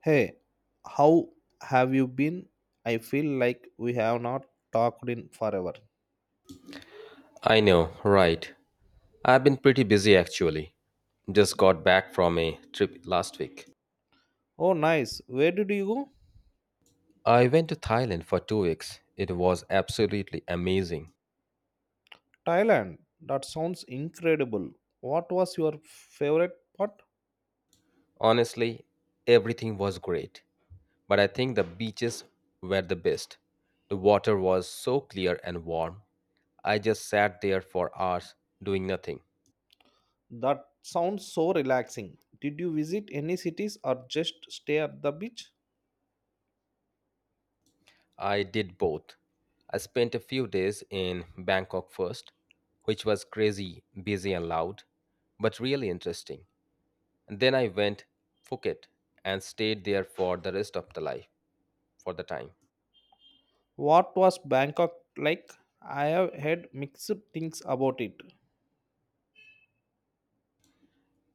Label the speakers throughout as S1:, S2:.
S1: Hey, how have you been? I feel like we have not talked in forever.
S2: I know, right. I've been pretty busy actually. Just got back from a trip last week.
S1: Oh, nice. Where did you go?
S2: I went to Thailand for 2 weeks. It was absolutely amazing.
S1: Thailand. That sounds incredible. What was your favorite part?
S2: Honestly, everything was great. But I think the beaches were the best. The water was so clear and warm. I just sat there for hours doing nothing.
S1: That sounds so relaxing. Did you visit any cities or just stay at the beach?
S2: I did both. I spent a few days in Bangkok first, which was crazy, busy, and loud, but really interesting. And Then I went Phuket and stayed there for the time.
S1: What was Bangkok like? I have heard mixed things about it.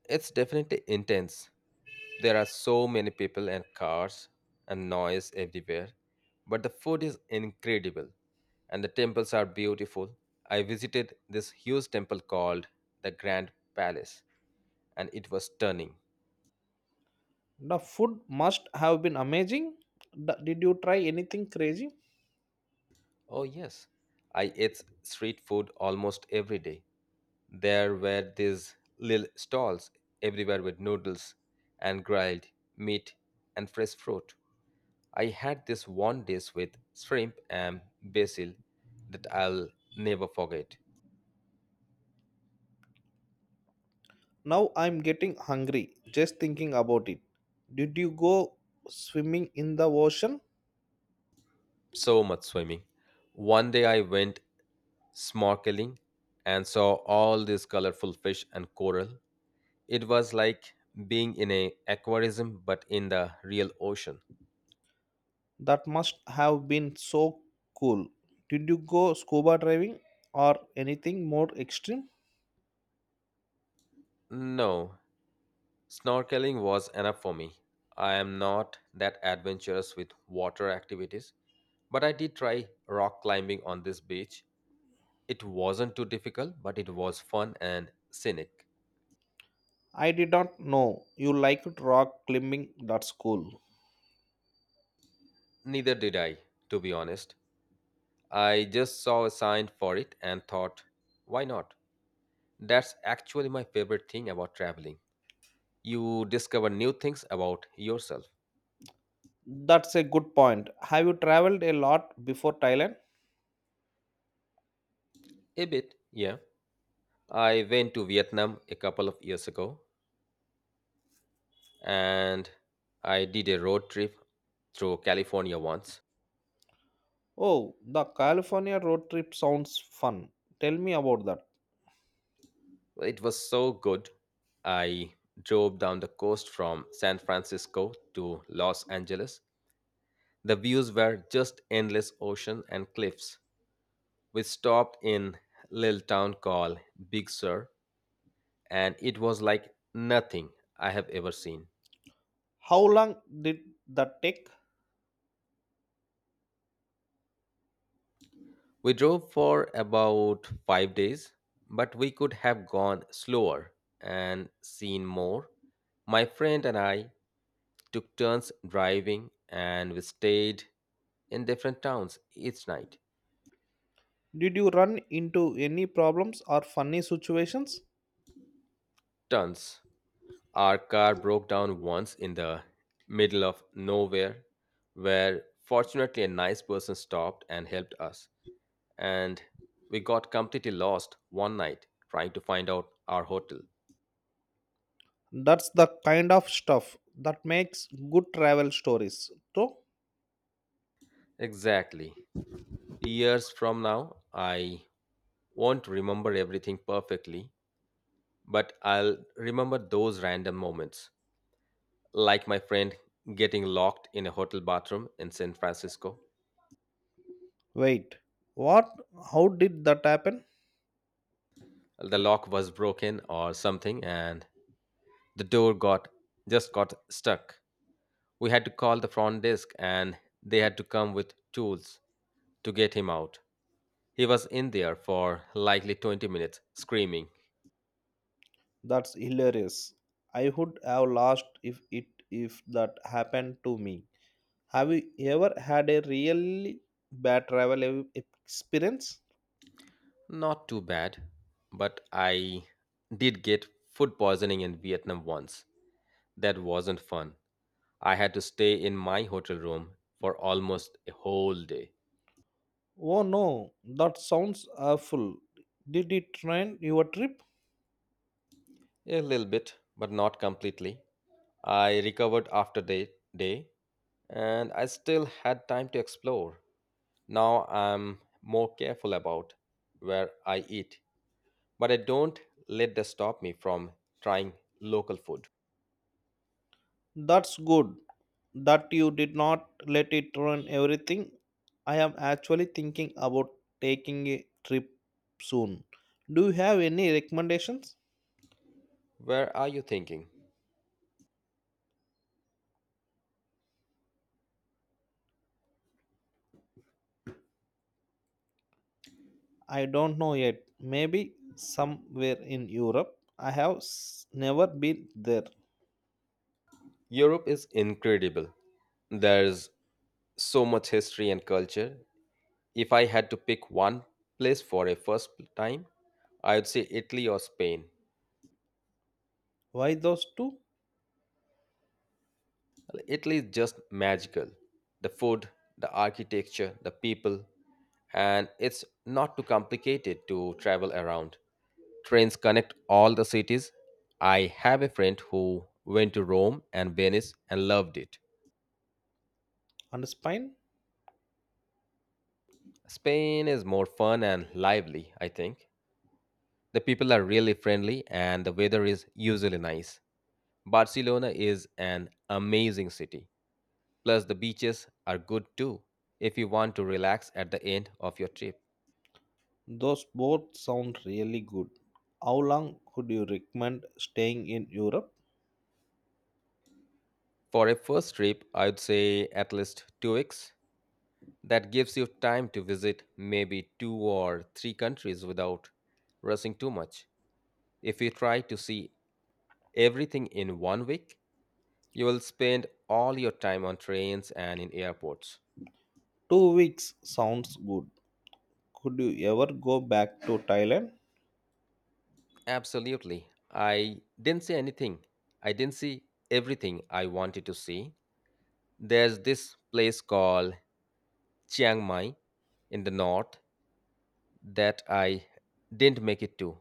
S2: It's definitely intense. There are so many people and cars and noise everywhere, but the food is incredible and the temples are beautiful. I visited this huge temple called the Grand Palace and it was stunning.
S1: The food must have been amazing. Did you try anything crazy?
S2: Oh yes, I ate street food almost every day. There were these little stalls everywhere with noodles and grilled meat and fresh fruit. I had this one dish with shrimp and basil that I'll never forget.
S1: Now I'm getting hungry just thinking about it. Did you go swimming in the ocean?
S2: So much swimming. One day I went snorkeling and saw all these colorful fish and coral. It was like being in a aquarism but in the real ocean.
S1: That must have been so cool. Did you go scuba diving or anything more extreme?
S2: No, snorkeling was enough for me. I am not that adventurous with water activities, but I did try rock climbing on this beach. It wasn't too difficult, but it was fun and scenic.
S1: I did not know you liked rock climbing. That's cool.
S2: Neither did I, to be honest. I just saw a sign for it and thought, why not? That's actually my favorite thing about traveling. You discover new things about yourself.
S1: That's a good point. Have you traveled a lot before Thailand?
S2: A bit, yeah. I went to Vietnam a couple of years ago and I did a road trip through California once.
S1: Oh, the California road trip sounds fun. Tell me about that.
S2: It was so good. I drove down the coast from San Francisco to Los Angeles. The views were just endless ocean and cliffs. We stopped in little town called Big Sur and it was like nothing I have ever seen.
S1: How long did that take?
S2: We drove for about 5 days, but we could have gone slower and seen more. My friend and I took turns driving and we stayed in different towns each night.
S1: Did you run into any problems or funny situations?
S2: Turns. Our car broke down once in the middle of nowhere, where fortunately a nice person stopped and helped us. And we got completely lost one night trying to find out our hotel.
S1: That's the kind of stuff that makes good travel stories. So,
S2: Exactly. Years from now, I won't remember everything perfectly, but I'll remember those random moments like my friend getting locked in a hotel bathroom in San Francisco.
S1: wait, what? How did that happen?
S2: The lock was broken or something, and the door got just got stuck. We had to call the front desk, and they had to come with tools to get him out. He was in there for likely 20 minutes, screaming.
S1: That's hilarious. I would have lost if that happened to me. Have you ever had a really bad travel experience?
S2: Not too bad, but I did get food poisoning in Vietnam once. That wasn't fun. I had to stay in my hotel room for almost a whole day.
S1: Oh no, that sounds awful. Did it ruin your trip?
S2: A little bit, but not completely. I recovered after the day, and I still had time to explore. Now I'm more careful about where I eat, but I don't let that stop me from trying local food.
S1: That's good that you did not let it ruin everything. I am actually thinking about taking a trip soon. Do you have any recommendations?
S2: Where are you thinking?
S1: I don't know yet. Maybe somewhere in Europe. I have never been there.
S2: Europe is incredible. There's so much history and culture. If I had to pick one place for a first time, I would say Italy or Spain.
S1: Why those two?
S2: Italy is just magical. The food, the architecture, the people, and it's not too complicated to travel around. Trains connect all the cities. I have a friend who went to Rome and Venice and loved it.
S1: And Spain?
S2: Spain is more fun and lively, I think. The people are really friendly and the weather is usually nice. Barcelona is an amazing city. Plus, the beaches are good too if you want to relax at the end of your trip.
S1: Those both sound really good. How long could you recommend staying in Europe?
S2: For a first trip, I'd say at least 2 weeks. That gives you time to visit maybe two or three countries without rushing too much. If you try to see everything in one week, you will spend all your time on trains and in airports.
S1: 2 weeks sounds good. Could you ever go back to Thailand?
S2: Absolutely. I didn't see anything. I didn't see Everything I wanted to see. There's this place called Chiang Mai in the north that I didn't make it to,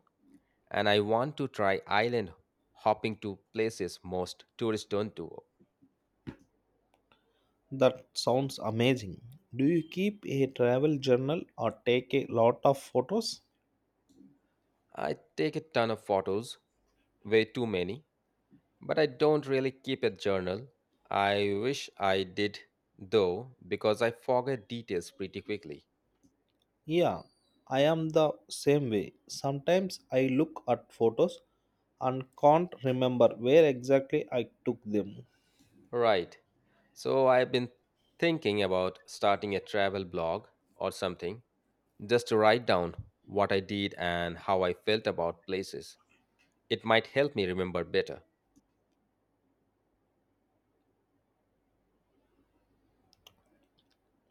S2: and I want to try island hopping to places most tourists don't do.
S1: That sounds amazing. Do you keep a travel journal or take a lot of photos?
S2: I take a ton of photos, way too many, but I don't really keep a journal. I wish I did though, because I forget details pretty quickly.
S1: Yeah, I am the same way. Sometimes I look at photos and can't remember where exactly I took them.
S2: Right, so I've been thinking about starting a travel blog or something just to write down what I did and how I felt about places. It might help me remember better.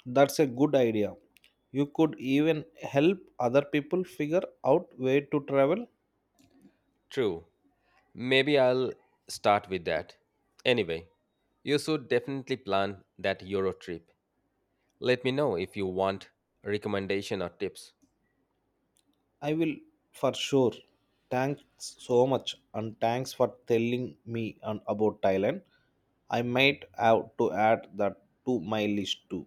S1: That's a good idea. You could even help other people figure out where to travel.
S2: True. Maybe I'll start with that. Anyway, you should definitely plan that Euro trip. Let me know if you want recommendation or tips.
S1: I will for sure. Thanks so much and thanks for telling me and about Thailand. I might have to add that to my list too.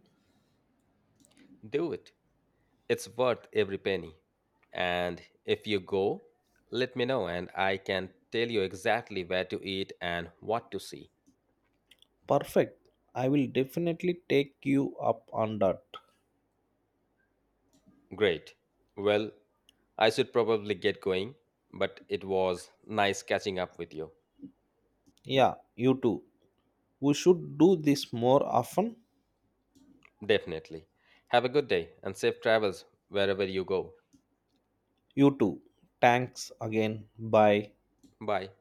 S2: Do it. It's worth every penny. And if you go, let me know and I can tell you exactly where to eat and what to see.
S1: Perfect. I will definitely take you up on that.
S2: Great. Well, I should probably get going, but it was nice catching up with you.
S1: Yeah, you too. We should do this more often.
S2: Definitely. Have a good day and safe travels wherever you go.
S1: You too. Thanks again. Bye.
S2: Bye.